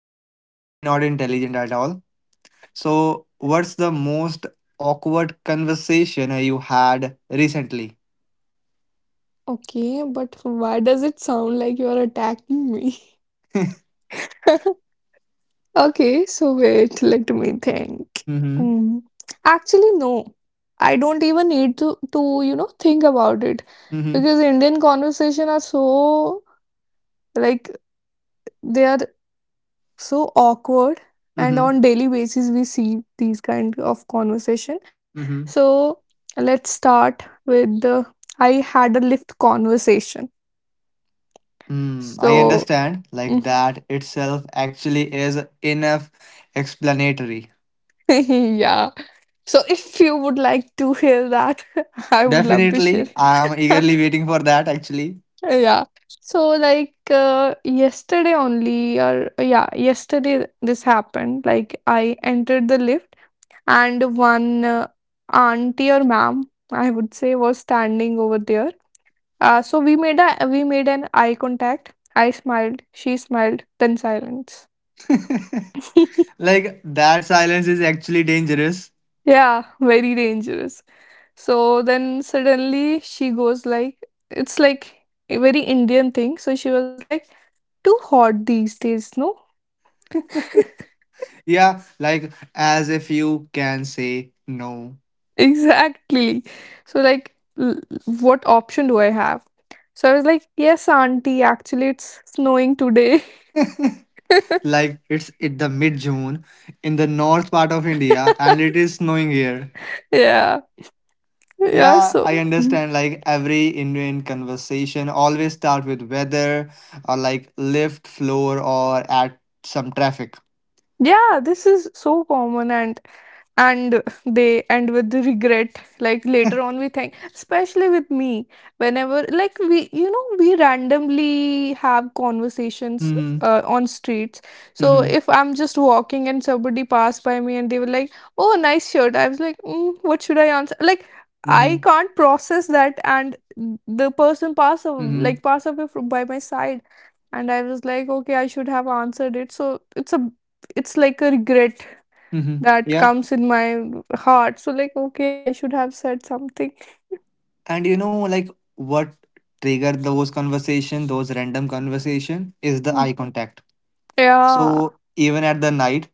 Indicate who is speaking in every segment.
Speaker 1: or especially not intelligent at all. So, what's the most awkward conversation you had recently?
Speaker 2: Okay, but why does it sound like you are attacking me? Okay, so wait, let me think.
Speaker 1: Mm-hmm.
Speaker 2: Mm. Actually, no. I don't even need to think about it
Speaker 1: Mm-hmm.
Speaker 2: because Indian conversation are so like they are so awkward and
Speaker 1: Mm-hmm.
Speaker 2: on daily basis we see these kind of conversation.
Speaker 1: Mm-hmm.
Speaker 2: So, let's start with the I had a lift conversation.
Speaker 1: Mm, I
Speaker 2: So,
Speaker 1: understand. Like that itself actually is enough explanatory.
Speaker 2: Yeah. So if you would like to hear that, I would love to share
Speaker 1: Definitely.
Speaker 2: it.
Speaker 1: I'm eagerly waiting for that actually.
Speaker 2: Yeah. So like yesterday only or yeah, yesterday this happened. Like I entered the lift and one auntie or ma'am, I would say, was standing over there. So we made an eye contact. I smiled, she smiled, then silence.
Speaker 1: Like that silence is actually dangerous.
Speaker 2: Yeah, very dangerous. So then suddenly she goes like, it's like a very Indian thing. So she was like, too hot these days, no?
Speaker 1: Yeah, like as if you can say no.
Speaker 2: Exactly. So like, what option do I have? So I was like, yes, auntie, actually it's snowing today.
Speaker 1: Like it's in the mid June in the north part of India and it is snowing here.
Speaker 2: Yeah. Yeah,
Speaker 1: Yeah, I
Speaker 2: so.
Speaker 1: understand. Like every Indian conversation always start with weather or like lift floor or at some traffic.
Speaker 2: Yeah, this is so common and they end with the regret like later on we think, especially with me whenever, we you know we randomly have conversations
Speaker 1: Mm-hmm.
Speaker 2: on streets. So
Speaker 1: Mm-hmm.
Speaker 2: if I'm just walking and somebody passed by me and they were like, oh, nice shirt, I was like, what should I answer? Like, I
Speaker 1: Mm-hmm.
Speaker 2: can't process that, and the person passed av-
Speaker 1: Mm-hmm.
Speaker 2: like passed away from by my side, and I was like, okay, I should have answered it. So it's a it's like a regret
Speaker 1: Mm-hmm.
Speaker 2: that
Speaker 1: Yeah.
Speaker 2: comes in my heart. So like, okay, I should have said something.
Speaker 1: And you know, like what triggered those conversation, those random conversation, is the
Speaker 2: Mm.
Speaker 1: eye contact.
Speaker 2: Yeah.
Speaker 1: So even at the night,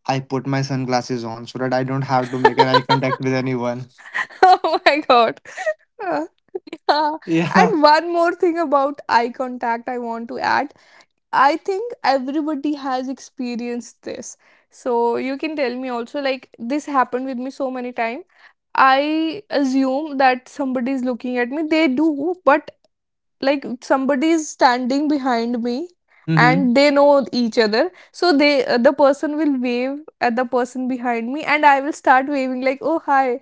Speaker 1: I put my sunglasses on so that I don't have to make an eye contact with anyone.
Speaker 2: Oh my God. Uh, yeah.
Speaker 1: Yeah.
Speaker 2: And one more thing about eye contact I want to add. I think everybody has experienced this. So you can tell me also, like this happened with me so many times. I assume that somebody is looking at me. They do, but like somebody is standing behind me
Speaker 1: Mm-hmm.
Speaker 2: and they know each other, so they the person will wave at the person behind me, and I will start waving like, oh, hi.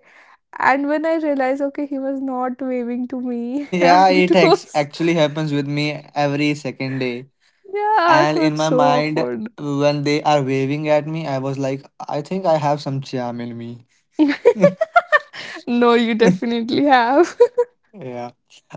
Speaker 2: And when I realize, okay, he was not waving to me,
Speaker 1: Yeah,
Speaker 2: and it was,
Speaker 1: actually happens with me every second day.
Speaker 2: yeah,
Speaker 1: And
Speaker 2: so
Speaker 1: in
Speaker 2: it's
Speaker 1: my
Speaker 2: so
Speaker 1: mind,
Speaker 2: awkward.
Speaker 1: when they are waving at me, I was like, I think I have some charm in me.
Speaker 2: No, you definitely have.
Speaker 1: Yeah.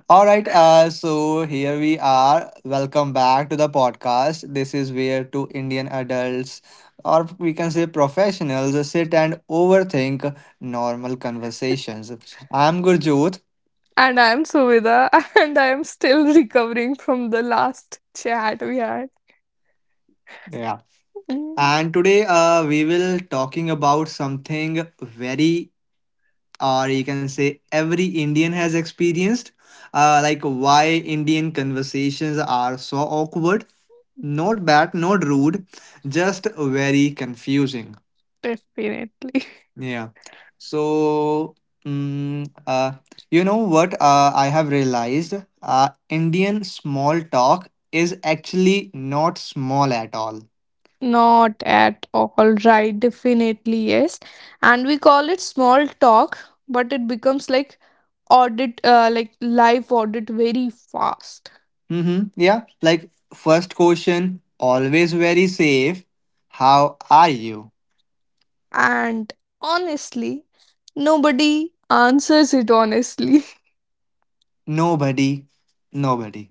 Speaker 1: All right, so here we are. Welcome back to the podcast. This is where two Indian adults, or we can say professionals, sit and overthink normal conversations. I'm Gurjot.
Speaker 2: And I am Suvida, and I am still recovering from the last chat we had.
Speaker 1: Yeah.
Speaker 2: Mm,
Speaker 1: And today we will talking about something very, or you can say every Indian has experienced, like why Indian conversations are so awkward. Not bad, not rude, just very confusing.
Speaker 2: definitely.
Speaker 1: Yeah. So, mm, uh, you know what I have realized? Indian small talk is actually not small at all.
Speaker 2: Not at all, right? Definitely, yes. And we call it small talk, but it becomes like audit, like live audit very fast.
Speaker 1: Mm-hmm. Yeah. Like, first question, always very safe. How are you?
Speaker 2: And honestly, nobody answers it honestly.
Speaker 1: Nobody. Nobody.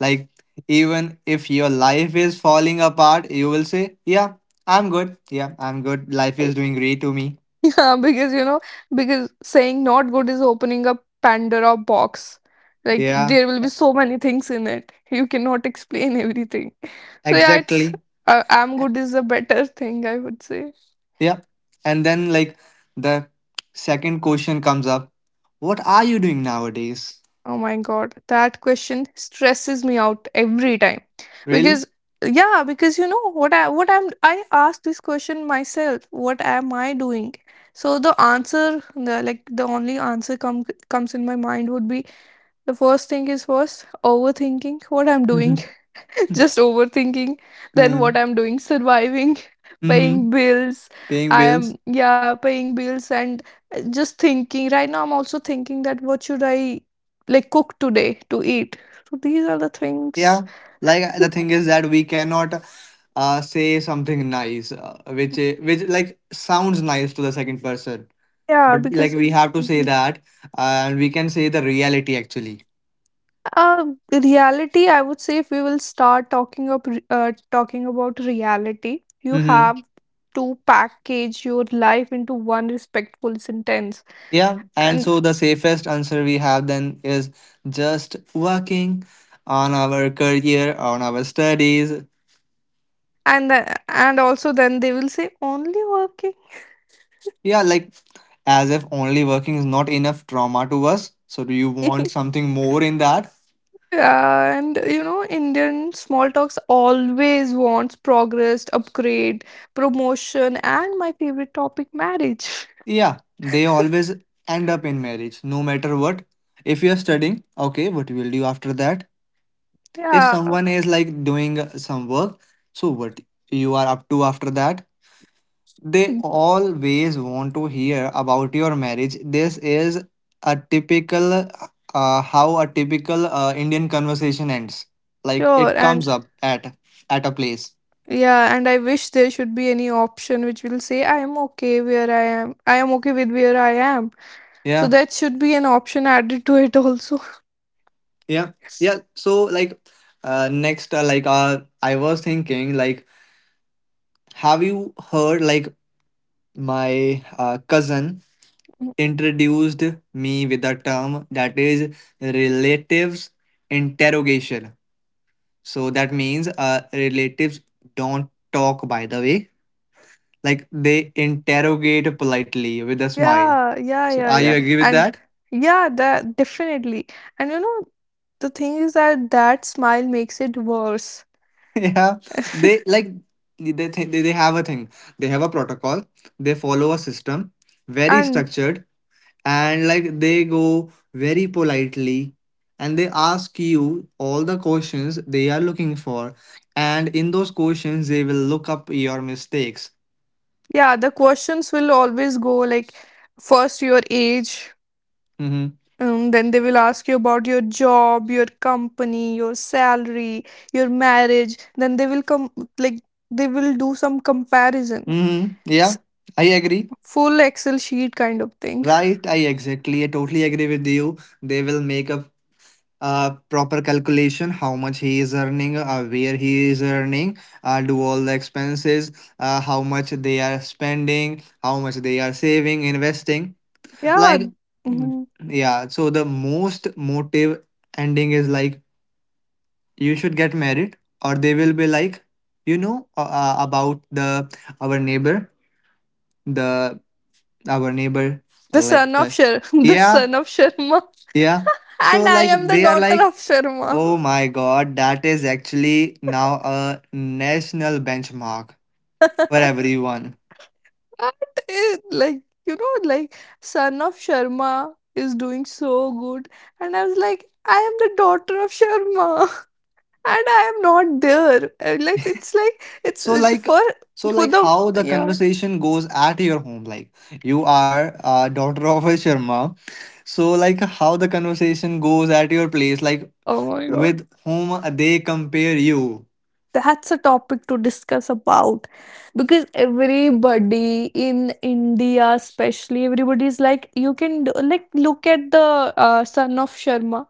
Speaker 1: Like, even if your life is falling apart, you will say, yeah, I'm good. Yeah, I'm good. Life is doing great to me.
Speaker 2: Yeah, because, you know, because saying not good is opening a Pandora box. Like
Speaker 1: Yeah,
Speaker 2: there will be so many things in it. You cannot explain everything. So yeah, it's
Speaker 1: exactly.
Speaker 2: I'm good is a better thing, I would say.
Speaker 1: Yeah. And then, like, the second question comes up. What are you doing nowadays?
Speaker 2: Oh my God, that question stresses me out every time.
Speaker 1: Really?
Speaker 2: Because yeah, because you know what I ask this question myself, what am I doing? So the answer, the only answer comes in my mind would be, the first thing is first overthinking what I'm doing,
Speaker 1: Mm-hmm.
Speaker 2: just overthinking. Then what I'm doing, surviving,
Speaker 1: Mm-hmm.
Speaker 2: paying bills.
Speaker 1: Paying
Speaker 2: I
Speaker 1: bills.
Speaker 2: am, yeah, paying bills, and just thinking, right now I'm also thinking that what should I like cook today to eat. So these are the
Speaker 1: Yeah.
Speaker 2: things.
Speaker 1: Like, the thing is that we cannot say something nice, which, which, like, sounds nice to the second person.
Speaker 2: Yeah,
Speaker 1: But, like,
Speaker 2: because
Speaker 1: we have to say
Speaker 2: Mhm.
Speaker 1: that, and we can say the reality actually.
Speaker 2: uh Reality, I would say, if we will start talking about reality, you
Speaker 1: Mm-hmm.
Speaker 2: have to package your life into one respectful sentence.
Speaker 1: Yeah, and
Speaker 2: And.
Speaker 1: so the safest answer we have then is just working on our career, on our studies.
Speaker 2: And also then they will say only working.
Speaker 1: Yeah, like as if only working is not enough trauma to us. So, do you want something more in that?
Speaker 2: And you know Indian small talks always wants progress, upgrade, promotion, and my favorite topic, marriage.
Speaker 1: Yeah, they always end up in marriage, no matter what. If you're studying, okay, what you will do after that? If
Speaker 2: Yeah,
Speaker 1: someone is like doing some work, so what you are up to after that? They always want to hear about your marriage. This is a typical, how a typical Indian conversation ends. Like
Speaker 2: sure.
Speaker 1: it
Speaker 2: And
Speaker 1: comes up at a place.
Speaker 2: yeah, and I wish there should be any option which will say, I am okay where I am, so
Speaker 1: Yeah,
Speaker 2: that should be an option added to it also.
Speaker 1: yeah, yeah. So like next, I was thinking, like, have you heard like my cousin introduced me with a term that is relatives interrogation. So that means relatives don't talk, by the way. Like they interrogate politely with a smile.
Speaker 2: Yeah, yeah,
Speaker 1: So
Speaker 2: yeah,
Speaker 1: are you
Speaker 2: yeah.
Speaker 1: agree with
Speaker 2: And
Speaker 1: that?
Speaker 2: yeah, that definitely. And you know, the thing is that that smile makes it worse.
Speaker 1: Yeah. They like, they have a thing. They have a protocol. They follow a system, very
Speaker 2: And
Speaker 1: structured, and like they go very politely and they ask you all the questions they are looking for. And in those questions, they will look up your mistakes.
Speaker 2: yeah, the questions will always go like, first, your age,
Speaker 1: Mm-hmm.
Speaker 2: then they will ask you about your job, your company, your salary, your marriage. Then they will come like, they will do some comparison,
Speaker 1: Mm-hmm. Yeah,
Speaker 2: S
Speaker 1: I agree.
Speaker 2: full Excel sheet kind of thing.
Speaker 1: Right, I totally agree with you. They will make a, proper calculation how much he is earning, where he is earning, do all the expenses, how much they are spending, how much they are saving, investing.
Speaker 2: Yeah.
Speaker 1: Like, mm,
Speaker 2: Mhm.
Speaker 1: yeah, so the most motive ending is like, you should get married, or they will be like, you know, about our neighbor, the our neighbor,
Speaker 2: The
Speaker 1: like
Speaker 2: son of
Speaker 1: the.
Speaker 2: Shar, The
Speaker 1: Yeah,
Speaker 2: son of Sharma.
Speaker 1: yeah. So
Speaker 2: And I
Speaker 1: like
Speaker 2: am the
Speaker 1: they are
Speaker 2: daughter
Speaker 1: like,
Speaker 2: of Sharma.
Speaker 1: oh my god, that is actually now a national benchmark for everyone.
Speaker 2: That is like, you know, like son of Sharma is doing so good, and I was like, I am the daughter of Sharma, and I am not there. And, like, it's like it's
Speaker 1: So
Speaker 2: it's
Speaker 1: like,
Speaker 2: for the
Speaker 1: how the
Speaker 2: yeah.
Speaker 1: conversation goes at your home, like you are a daughter of a Sharma. How the conversation goes at your place, like
Speaker 2: Oh my god.
Speaker 1: with whom they compare you.
Speaker 2: That's a topic to discuss about, because everybody in India, especially everybody is like, you can do, like look at the son of Sharma.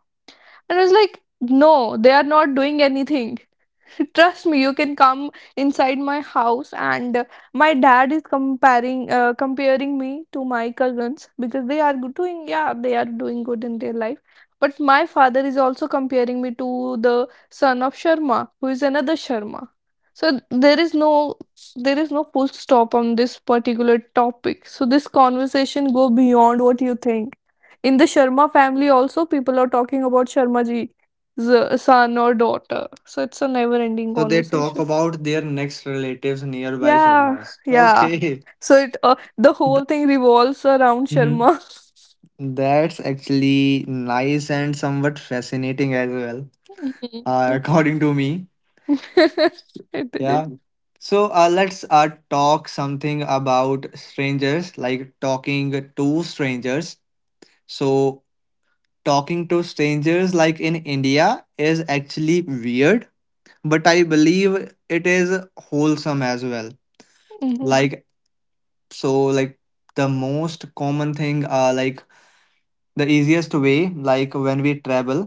Speaker 2: And I was like, no, they are not doing anything. Trust me, you can come inside my house, and my dad is comparing me to my cousins because they are doing good in their life. But my father is also comparing me to the son of Sharma, who is another Sharma. So there is no there is no full stop on this particular topic. So this conversation go beyond what you think. In the Sharma family also, people are talking about Sharma ji son or daughter. So it's a never-ending
Speaker 1: So they talk
Speaker 2: conversation.
Speaker 1: about their next relatives nearby
Speaker 2: Yeah,
Speaker 1: Sharmas.
Speaker 2: yeah.
Speaker 1: Okay.
Speaker 2: So it the whole thing revolves around Sharma.
Speaker 1: That's actually nice and somewhat fascinating as well,
Speaker 2: Mhm.
Speaker 1: according to me.
Speaker 2: It is.
Speaker 1: Yeah. So let's talk something about strangers, like talking to strangers. So, talking to strangers, like in India, is actually weird, but I believe it is wholesome as well.
Speaker 2: Mhm.
Speaker 1: Like, so, like, the most common thing, the easiest way, like when we travel,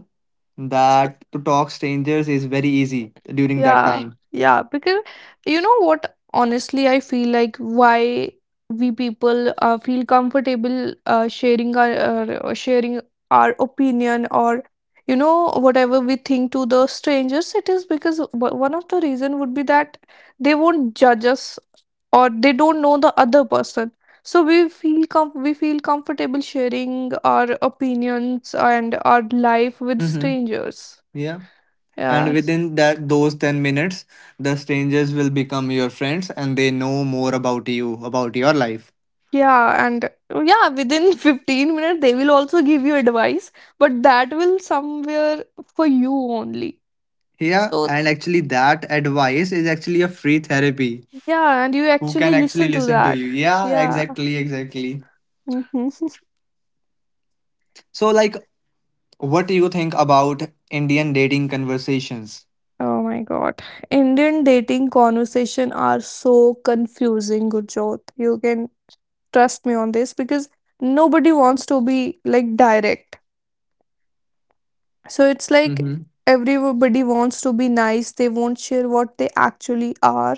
Speaker 1: that to talk strangers is very easy during that
Speaker 2: Yeah,
Speaker 1: time.
Speaker 2: yeah, because you know what? Honestly, I feel like why we people feel comfortable sharing our opinion or, you know, whatever we think to the strangers. It is because one of the reason would be that they won't judge us, or they don't know the other person. So we feel com we feel comfortable sharing our opinions and our life with
Speaker 1: Mm-hmm.
Speaker 2: strangers.
Speaker 1: Yeah. And
Speaker 2: Yes.
Speaker 1: within that those 10 minutes, the strangers will become your friends and they know more about you, about your life.
Speaker 2: Yeah, and yeah, within 15 minutes, they will also give you advice, but that will somewhere for you only.
Speaker 1: Yeah,
Speaker 2: So,
Speaker 1: and actually that advice is actually a free therapy.
Speaker 2: yeah, and you
Speaker 1: Who
Speaker 2: actually
Speaker 1: can actually
Speaker 2: listen to
Speaker 1: listen to
Speaker 2: that.
Speaker 1: you? Yeah,
Speaker 2: Yeah.
Speaker 1: exactly, exactly.
Speaker 2: Mhm.
Speaker 1: So like what do you think about Indian dating conversations?
Speaker 2: Oh my God. Indian dating conversation are so confusing, Gurjot. You can trust me on this because nobody wants to be like direct. So it's like everybody wants to be nice. They won't share what they actually are.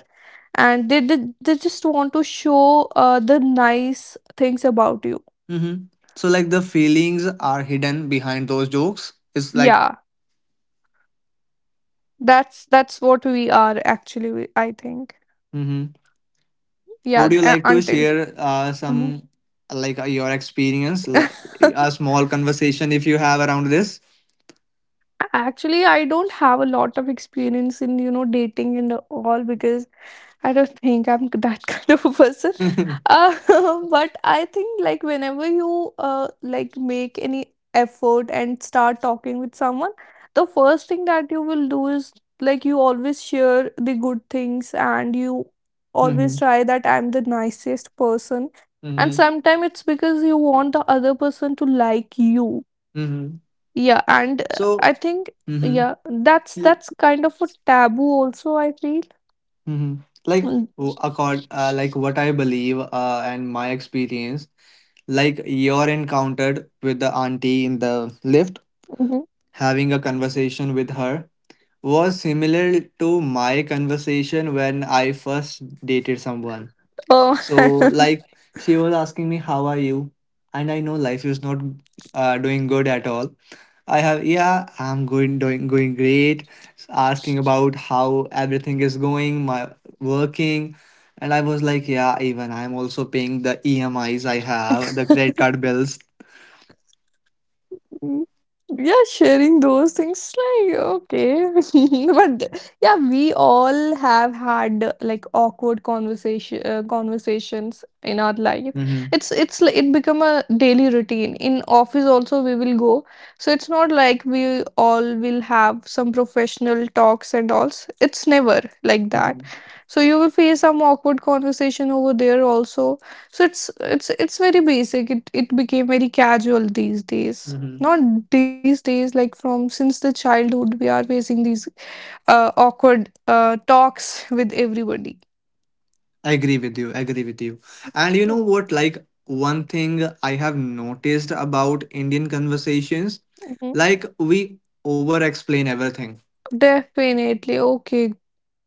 Speaker 2: And they just want to show the nice things about you.
Speaker 1: Mm-hmm. So like the feelings are hidden behind those jokes. It's
Speaker 2: Yeah,
Speaker 1: like,
Speaker 2: that's what we are actually, I think.
Speaker 1: mm-hmm.
Speaker 2: Yeah,
Speaker 1: Would you like to
Speaker 2: until
Speaker 1: share
Speaker 2: Mhm.
Speaker 1: some, like your experience, a small conversation if you have around this?
Speaker 2: Actually, I don't have a lot of experience in, you know, dating and all, because I don't think I'm that kind of a person. Uh, but I think, like whenever you like make any effort and start talking with someone, the first thing that you will do is, like you always share the good things, and you always
Speaker 1: Mm-hmm.
Speaker 2: try that I'm the nicest person. And
Speaker 1: Mm-hmm.
Speaker 2: sometimes it's because you want the other person to like you.
Speaker 1: Mm-hmm.
Speaker 2: Yeah, and
Speaker 1: So,
Speaker 2: I think,
Speaker 1: mm-hmm.
Speaker 2: yeah, that's kind of a taboo also, I feel.
Speaker 1: Mm-hmm. Like, like what I believe, and my experience, like you're encountered with the auntie in the lift,
Speaker 2: Mm-hmm.
Speaker 1: having a conversation with her was similar to my conversation when I first dated someone.
Speaker 2: Oh,
Speaker 1: So, like, she was asking me, "How are you?" And I know life is not doing good at all. I have, yeah, going great. Asking about how everything is going, my working. And I was like, yeah, even I'm also paying the EMIs I have, the credit card bills.
Speaker 2: Mm, yeah, sharing those things, like, okay. But yeah, we all have had like awkward conversations in our life.
Speaker 1: Mm-hmm.
Speaker 2: It's like it become a daily routine. In office also we will go. So it's not like we all will have some professional talks and all. It's never like that.
Speaker 1: Mm-hmm.
Speaker 2: So you will face some awkward conversation over there also. So it's very basic. It became very casual these days.
Speaker 1: Mm-hmm.
Speaker 2: Not these days, like from since the childhood, we are facing these awkward talks with everybody.
Speaker 1: I agree with you. I agree with you. And you know
Speaker 2: Def-
Speaker 1: what? Like, one thing I have noticed about Indian conversations,
Speaker 2: mhm.
Speaker 1: like, we over explain everything.
Speaker 2: Definitely, okay,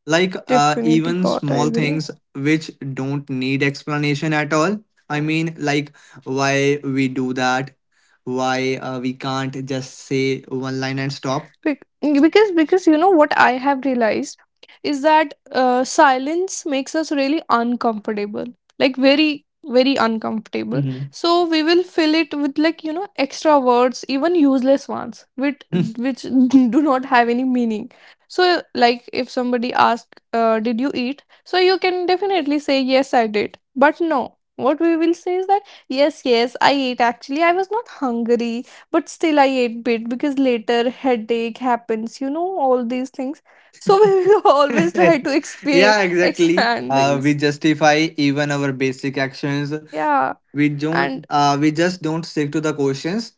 Speaker 1: Like,
Speaker 2: definitely,
Speaker 1: even
Speaker 2: God, I
Speaker 1: small
Speaker 2: agree.
Speaker 1: things which don't need explanation at all. I mean, like, why we do that, why we can't just say one line and stop.
Speaker 2: Bec- because you know what I have realized is that silence makes us really uncomfortable, like very uncomfortable.
Speaker 1: Mhm.
Speaker 2: So we will fill it with, like, you know, extra words, even useless ones, which do not have any meaning. So like if somebody asks, "Did you eat?" So you can definitely say, "Yes, I did," but no. What we will say is that, yes, yes, I ate. Actually, I was not hungry but still I ate bit because later headache happens, you know, all these things. So we will always try to
Speaker 1: Yeah, exactly.
Speaker 2: expand
Speaker 1: We
Speaker 2: things.
Speaker 1: justify even our basic actions.
Speaker 2: Yeah.
Speaker 1: We don't
Speaker 2: And
Speaker 1: we just don't stick to the questions.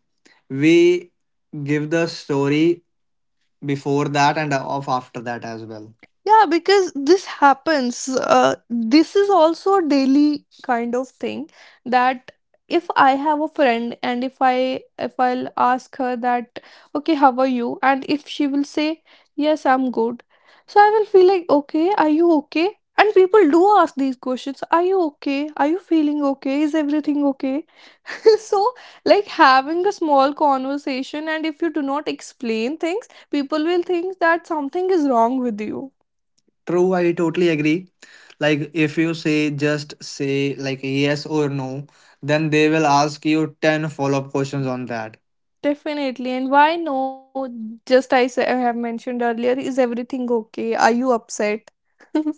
Speaker 1: We give the story before that and of after that as well.
Speaker 2: Yeah, because this happens. This is also a daily kind of thing that if I have a friend and if I'll ask her that, okay, how are you? And if she will say, yes, I'm good. So I will feel like, okay, are you okay? And people do ask these questions, are you okay? Are you feeling okay? Is everything okay? So, like having a small conversation, and if you do not explain things, people will think that something is wrong with you.
Speaker 1: True, I totally agree. Like if you say just say like yes or no, then they will ask you 10 follow-up questions on that,
Speaker 2: Definitely. And why no? Just I have mentioned earlier, is everything okay? Are you upset?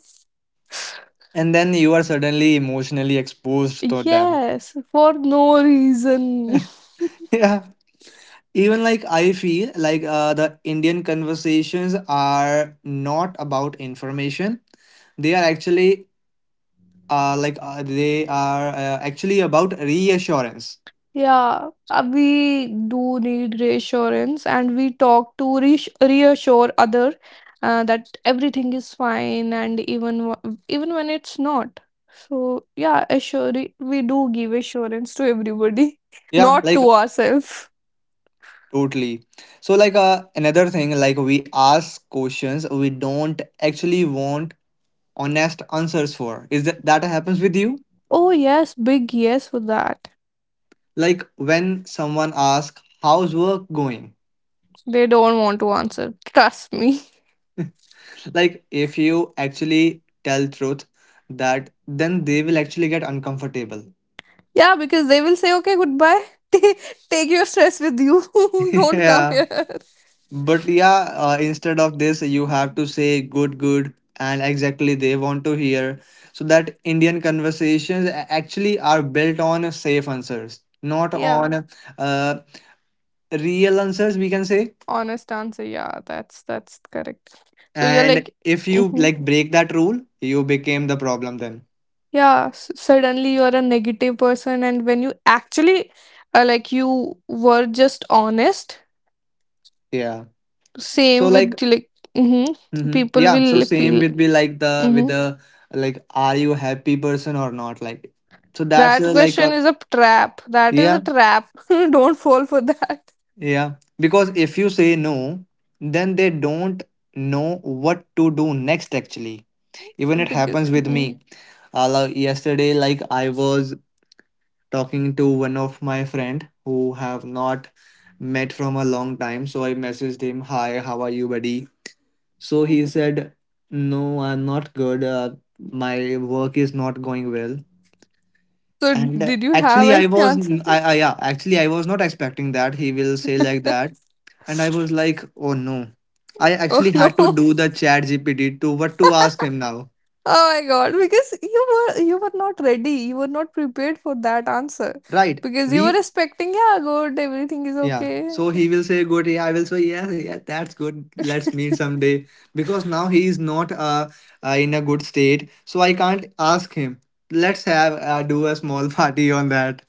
Speaker 1: and then you are suddenly emotionally exposed to them.
Speaker 2: Yes, for no reason.
Speaker 1: Yeah. Even like I feel like the Indian conversations are not about information, they are actually, like they are actually about reassurance.
Speaker 2: Yeah, we do need reassurance, and we talk to reassure other, that everything is fine, and even when it's not. So yeah, assure we do give assurance to everybody,
Speaker 1: Yeah,
Speaker 2: not to
Speaker 1: like
Speaker 2: ourselves.
Speaker 1: totally. So like, another thing, like we ask questions we don't actually want honest answers for. Is that that happens with you,
Speaker 2: Oh yes, big yes for that.
Speaker 1: like when someone asks how's work going?
Speaker 2: They don't want to answer. Trust me.
Speaker 1: Like if you actually tell truth, that then they will actually get uncomfortable.
Speaker 2: Yeah, because they will say, okay, goodbye. Ta- Take your stress with you. Don't come
Speaker 1: Yeah.
Speaker 2: here.
Speaker 1: But yeah, instead of this, you have to say good, good, and exactly they want to hear. So that Indian conversations actually are built on safe answers, not on,
Speaker 2: Yeah,
Speaker 1: uh, real answers, we can say.
Speaker 2: honest answer. Yeah, that's correct. So you're
Speaker 1: And
Speaker 2: like,
Speaker 1: if you
Speaker 2: hmm
Speaker 1: like break that rule, you became the problem then.
Speaker 2: yeah, suddenly you're a negative person, and when you actually like you were just honest,
Speaker 1: Yeah.
Speaker 2: same
Speaker 1: So
Speaker 2: with
Speaker 1: like,
Speaker 2: like, hmm
Speaker 1: mhm.
Speaker 2: people
Speaker 1: Yeah. So
Speaker 2: will
Speaker 1: same
Speaker 2: feel.
Speaker 1: with be like the with
Speaker 2: Hmm.
Speaker 1: the, like, are you happy person or not? Like, so that's
Speaker 2: That
Speaker 1: like
Speaker 2: question
Speaker 1: a,
Speaker 2: is a trap. That is a
Speaker 1: yeah.
Speaker 2: trap. Don't fall for that
Speaker 1: Yeah, because if you say no, then they don't know what to do next actually. Even it
Speaker 2: because.
Speaker 1: happens with
Speaker 2: Mhm.
Speaker 1: me. Like yesterday, like I was talking to one of my friend who have not met from a long time. So I messaged him, "Hi, how are you, buddy?" So he said, "No, I'm not good. My work is not going well."
Speaker 2: So
Speaker 1: And
Speaker 2: did you have
Speaker 1: actually, I
Speaker 2: any
Speaker 1: was,
Speaker 2: answer
Speaker 1: n-
Speaker 2: for that?
Speaker 1: I, yeah, actually, I was not expecting that he will say like that. And I was like, oh no. I
Speaker 2: Oh
Speaker 1: actually
Speaker 2: no.
Speaker 1: had to do the chat GPT to what to ask him now.
Speaker 2: Oh my God, because you were not ready. You were not prepared for that answer.
Speaker 1: Right.
Speaker 2: Because you were
Speaker 1: We,
Speaker 2: expecting, yeah, good, everything is
Speaker 1: yeah.
Speaker 2: okay.
Speaker 1: So he will say good. Yeah, I will say, yes, yeah, that's good. Let's meet someday. Because now he is not in a good state. So I can't ask him. Let's have, do a small party on that.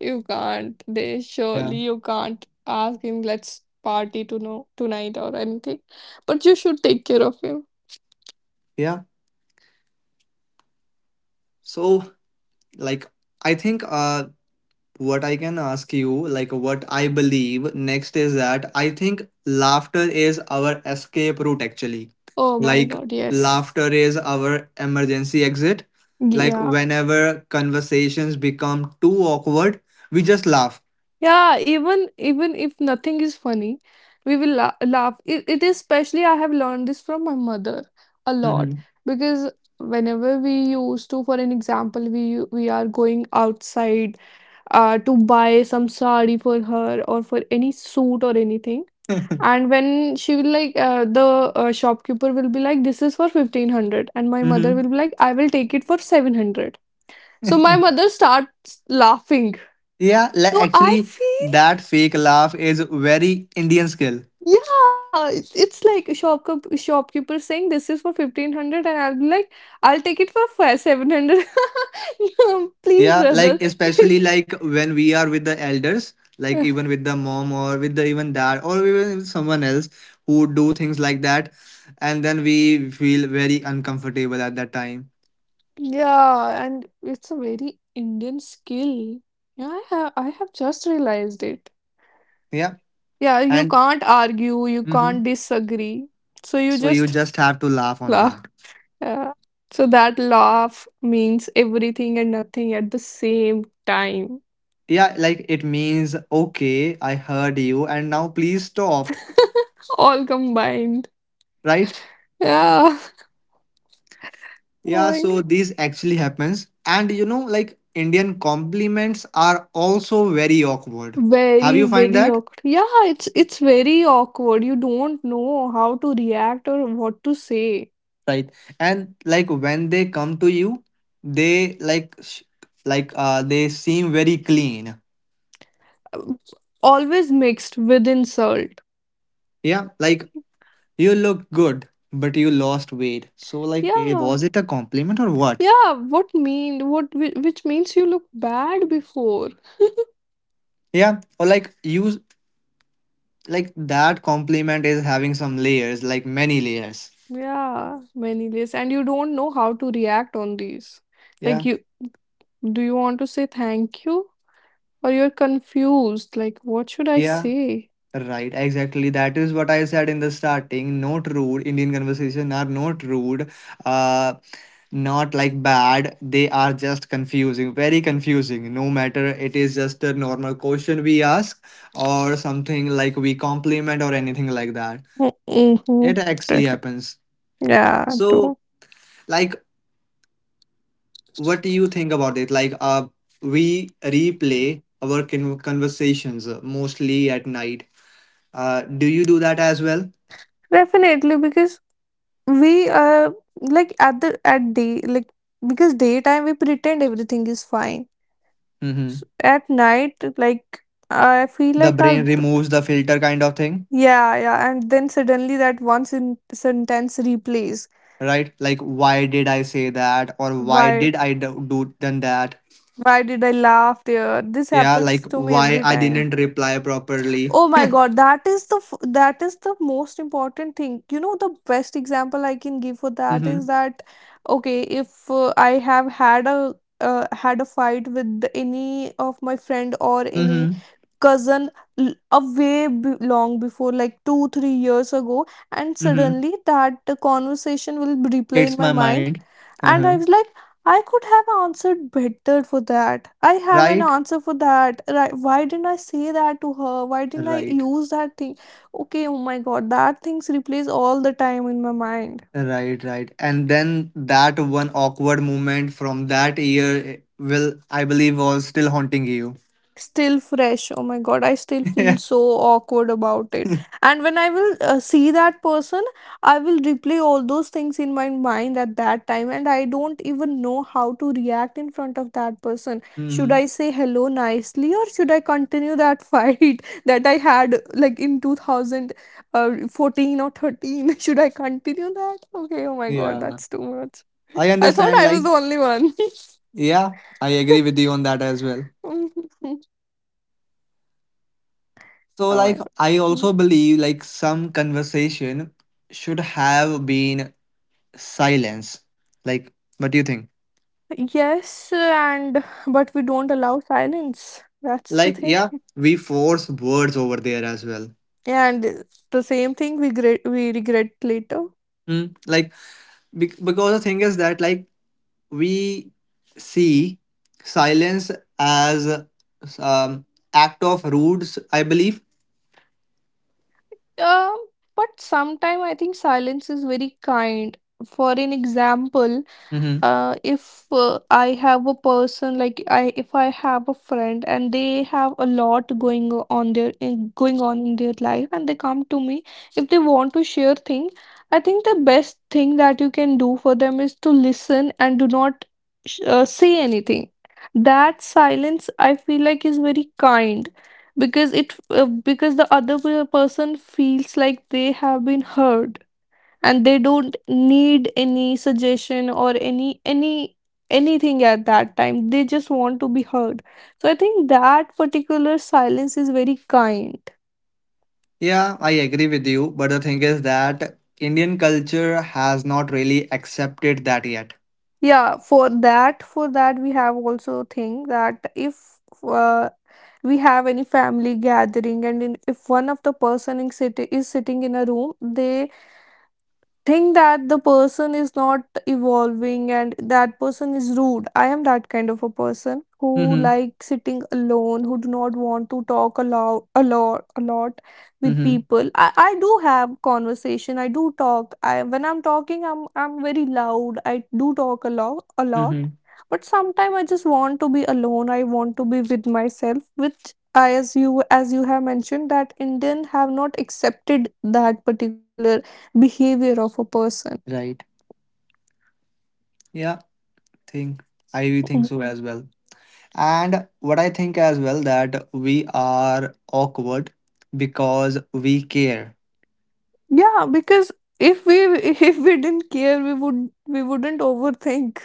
Speaker 2: You can't. They
Speaker 1: Yeah.
Speaker 2: surely you can't ask him, let's party to know tonight or anything. But you should take care of him.
Speaker 1: Yeah. So, like, I think what I can ask you, like what I believe next, is that I think laughter is our escape route actually.
Speaker 2: Oh my
Speaker 1: Like
Speaker 2: God, yes.
Speaker 1: laughter is our emergency exit. Like
Speaker 2: Yeah.
Speaker 1: whenever conversations become too awkward, we just laugh.
Speaker 2: Yeah, even if nothing is funny, we will la laugh. It is especially I have learned this from my mother a lot
Speaker 1: Hmm.
Speaker 2: because whenever we used to, for an example, we are going outside, to buy some sari for her or for any suit or anything, and when she will like the shopkeeper will be like, "This is for 1500," and my mother
Speaker 1: Hmm.
Speaker 2: will be like, "I will take it for 700." So my mother starts laughing.
Speaker 1: Yeah, like
Speaker 2: So I
Speaker 1: actually
Speaker 2: feel,
Speaker 1: that fake laugh is very Indian skill.
Speaker 2: yeah, it's like a shopkeeper saying this is for 1500, and I'll be like, I'll take it for five, 700. No, please
Speaker 1: Yeah,
Speaker 2: brother.
Speaker 1: like especially like when we are with the elders, like even with the mom or with the even dad or even with someone else who do things like that, and then we feel very uncomfortable at that time.
Speaker 2: Yeah, and it's a very Indian skill. Yeah, I have just realized it.
Speaker 1: Yeah,
Speaker 2: Yeah, you
Speaker 1: and
Speaker 2: can't argue, you
Speaker 1: mhm,
Speaker 2: can't disagree. So you
Speaker 1: so you
Speaker 2: just
Speaker 1: just have to laugh on
Speaker 2: laugh.
Speaker 1: that.
Speaker 2: Yeah. So that laugh means everything and nothing at the same time.
Speaker 1: Yeah, like it means okay, I heard you, and now please stop,
Speaker 2: All combined.
Speaker 1: right?
Speaker 2: Yeah.
Speaker 1: Yeah,
Speaker 2: Like,
Speaker 1: so this actually happens, and you know, like Indian compliments are also very awkward. Have
Speaker 2: very,
Speaker 1: you find
Speaker 2: very
Speaker 1: that?
Speaker 2: awkward. Yeah, it's very awkward. You don't know how to react or what to say.
Speaker 1: Right. And like when they come to you, they like they seem very clean.
Speaker 2: Um, Always mixed with insult.
Speaker 1: Yeah, like you look good but you lost weight, so like eh, was
Speaker 2: Yeah.
Speaker 1: it a compliment or what?
Speaker 2: Yeah, what mean what whi- which means you look bad before.
Speaker 1: Yeah, or like you, like that compliment is having some layers, like many layers.
Speaker 2: Yeah, many days and you don't know how to react on these. Like,
Speaker 1: Yeah.
Speaker 2: you, do you want to say thank you, or you're confused like what should I
Speaker 1: Yeah.
Speaker 2: say?
Speaker 1: Right, exactly. That is what I said in the starting. Not rude. Indian conversation are not rude. Uh, not like bad. They are just confusing, very confusing. No matter it is just a normal question we ask or something like we compliment or anything like that.
Speaker 2: Mm-hmm.
Speaker 1: It actually happens.
Speaker 2: Yeah,
Speaker 1: So,
Speaker 2: too.
Speaker 1: like, what do you think about it? Like, we replay our conversations mostly at night. Do you do that as well?
Speaker 2: Definitely, because we like at day, like, because daytime we pretend everything is fine.
Speaker 1: Mm-hmm.
Speaker 2: S At night, like, I feel
Speaker 1: The
Speaker 2: like our
Speaker 1: brain removes the filter kind of thing.
Speaker 2: yeah, yeah, and then suddenly that one sentence replays.
Speaker 1: Right, like why did I say that, or why
Speaker 2: why
Speaker 1: did I do done that?
Speaker 2: why did I laugh there? This
Speaker 1: Yeah,
Speaker 2: happens
Speaker 1: like
Speaker 2: to me
Speaker 1: why
Speaker 2: every
Speaker 1: I
Speaker 2: time.
Speaker 1: didn't reply properly.
Speaker 2: Oh my God, that is the most important thing. You know, the best example I can give for that
Speaker 1: Mm-hmm.
Speaker 2: is that, okay, if I have had a fight with any of my friend or any
Speaker 1: Mm-hmm.
Speaker 2: cousin, a way b long before, like two, 3 years ago, and
Speaker 1: Mm-hmm.
Speaker 2: suddenly that conversation will replay in
Speaker 1: Hits
Speaker 2: my
Speaker 1: my
Speaker 2: mind,
Speaker 1: mind.
Speaker 2: and
Speaker 1: Uh-huh.
Speaker 2: I was like, I could have answered better for that. I have an
Speaker 1: Right.
Speaker 2: answer for that. Right? Why didn't I say that to her? Why didn't I
Speaker 1: Right.
Speaker 2: use that thing? Okay, oh my God, that things replays all the time in my mind.
Speaker 1: Right. Right. And then that one awkward moment from that year, will I believe was still haunting you.
Speaker 2: Still fresh. Oh my God, I still feel so awkward about it.
Speaker 1: Mm-hmm.
Speaker 2: And when I will see that person, I will replay all those things in my mind at that time, and I don't even know how to react in front of that person. Should I say hello nicely, or should I continue that fight that I had like in 2014 or 13? Should I continue that? Okay, oh my God,
Speaker 1: Yeah,
Speaker 2: that's too much.
Speaker 1: I
Speaker 2: I thought
Speaker 1: understand,
Speaker 2: I was
Speaker 1: like,
Speaker 2: the only one.
Speaker 1: yeah, I agree with you on that as well. So,
Speaker 2: Oh
Speaker 1: like,
Speaker 2: my.
Speaker 1: I also believe like some conversation should have been silence. Like, what do you think?
Speaker 2: Yes, and but we don't allow silence. That's the
Speaker 1: Like,
Speaker 2: thing.
Speaker 1: yeah, we force words over there as well.
Speaker 2: And the same thing we regret later.
Speaker 1: Like, because the thing is that like we see silence as um act of rudes. I believe.
Speaker 2: Um, but sometime I think silence is very kind. For an example,
Speaker 1: Hmm.
Speaker 2: if I have a person, like, I if I have a friend and they have a lot going on in their life, and they come to me. If they want to share thing, I think the best thing that you can do for them is to listen and do not say anything. That silence I feel like is very kind, because it because the other person feels like they have been heard, and they don't need any suggestion or any anything. At that time, they just want to be heard. So I think that particular silence is very kind.
Speaker 1: Yeah, I agree with you. But the thing is that Indian culture has not really accepted that yet.
Speaker 2: Yeah, for that we have also thing that if, uh, we have any family gathering, and if one of the person in city is sitting in a room, they think that the person is not evolving and that person is rude. I am that kind of a person who
Speaker 1: Mm-hmm.
Speaker 2: like sitting alone, who do not want to talk a lot a lot a lot with
Speaker 1: Mm-hmm.
Speaker 2: people. I do have conversation. I do talk. I when I'm talking, I'm very loud. I do talk a lot a lot.
Speaker 1: Mm-hmm.
Speaker 2: But sometimes I just want to be alone. I want to be with myself, which I, as you have mentioned, that Indian have not accepted that particular behavior of a person.
Speaker 1: Right. Yeah, think I think
Speaker 2: Mm.
Speaker 1: so as well. And what I think as well that we are awkward because we care,
Speaker 2: Yeah, because if we if we didn't care, we wouldn't overthink.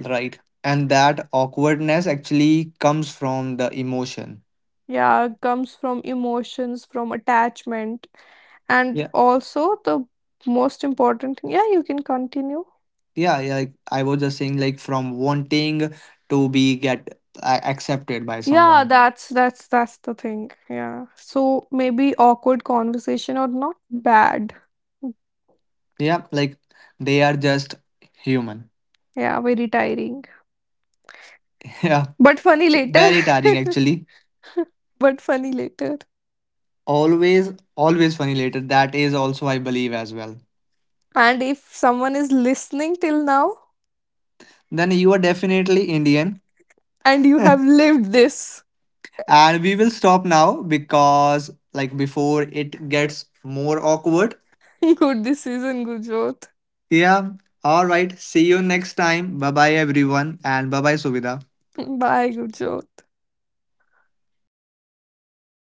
Speaker 1: right? And that awkwardness actually comes from the emotion.
Speaker 2: Yeah, comes from emotions, from attachment, and
Speaker 1: Yeah.
Speaker 2: also the most important thing. Yeah, you can continue.
Speaker 1: Yeah, yeah. Like, I was just saying like from wanting to be get accepted by
Speaker 2: Yeah,
Speaker 1: someone.
Speaker 2: that's the thing. Yeah, so maybe awkward conversation or not bad.
Speaker 1: Yeah, like they are just human.
Speaker 2: Yeah, very tiring.
Speaker 1: Yeah.
Speaker 2: But funny
Speaker 1: So
Speaker 2: later.
Speaker 1: very tiring actually.
Speaker 2: But funny later.
Speaker 1: Always always funny later. That is also I believe as well.
Speaker 2: And if someone is listening till now,
Speaker 1: Then you are definitely Indian.
Speaker 2: and you have lived this.
Speaker 1: And we will stop now because, like, before it gets more awkward.
Speaker 2: Good decision, Gurjot.
Speaker 1: Yeah. All right. See you next time. Bye bye, everyone. And bye bye, Suvida.
Speaker 2: Bye, Gurjot.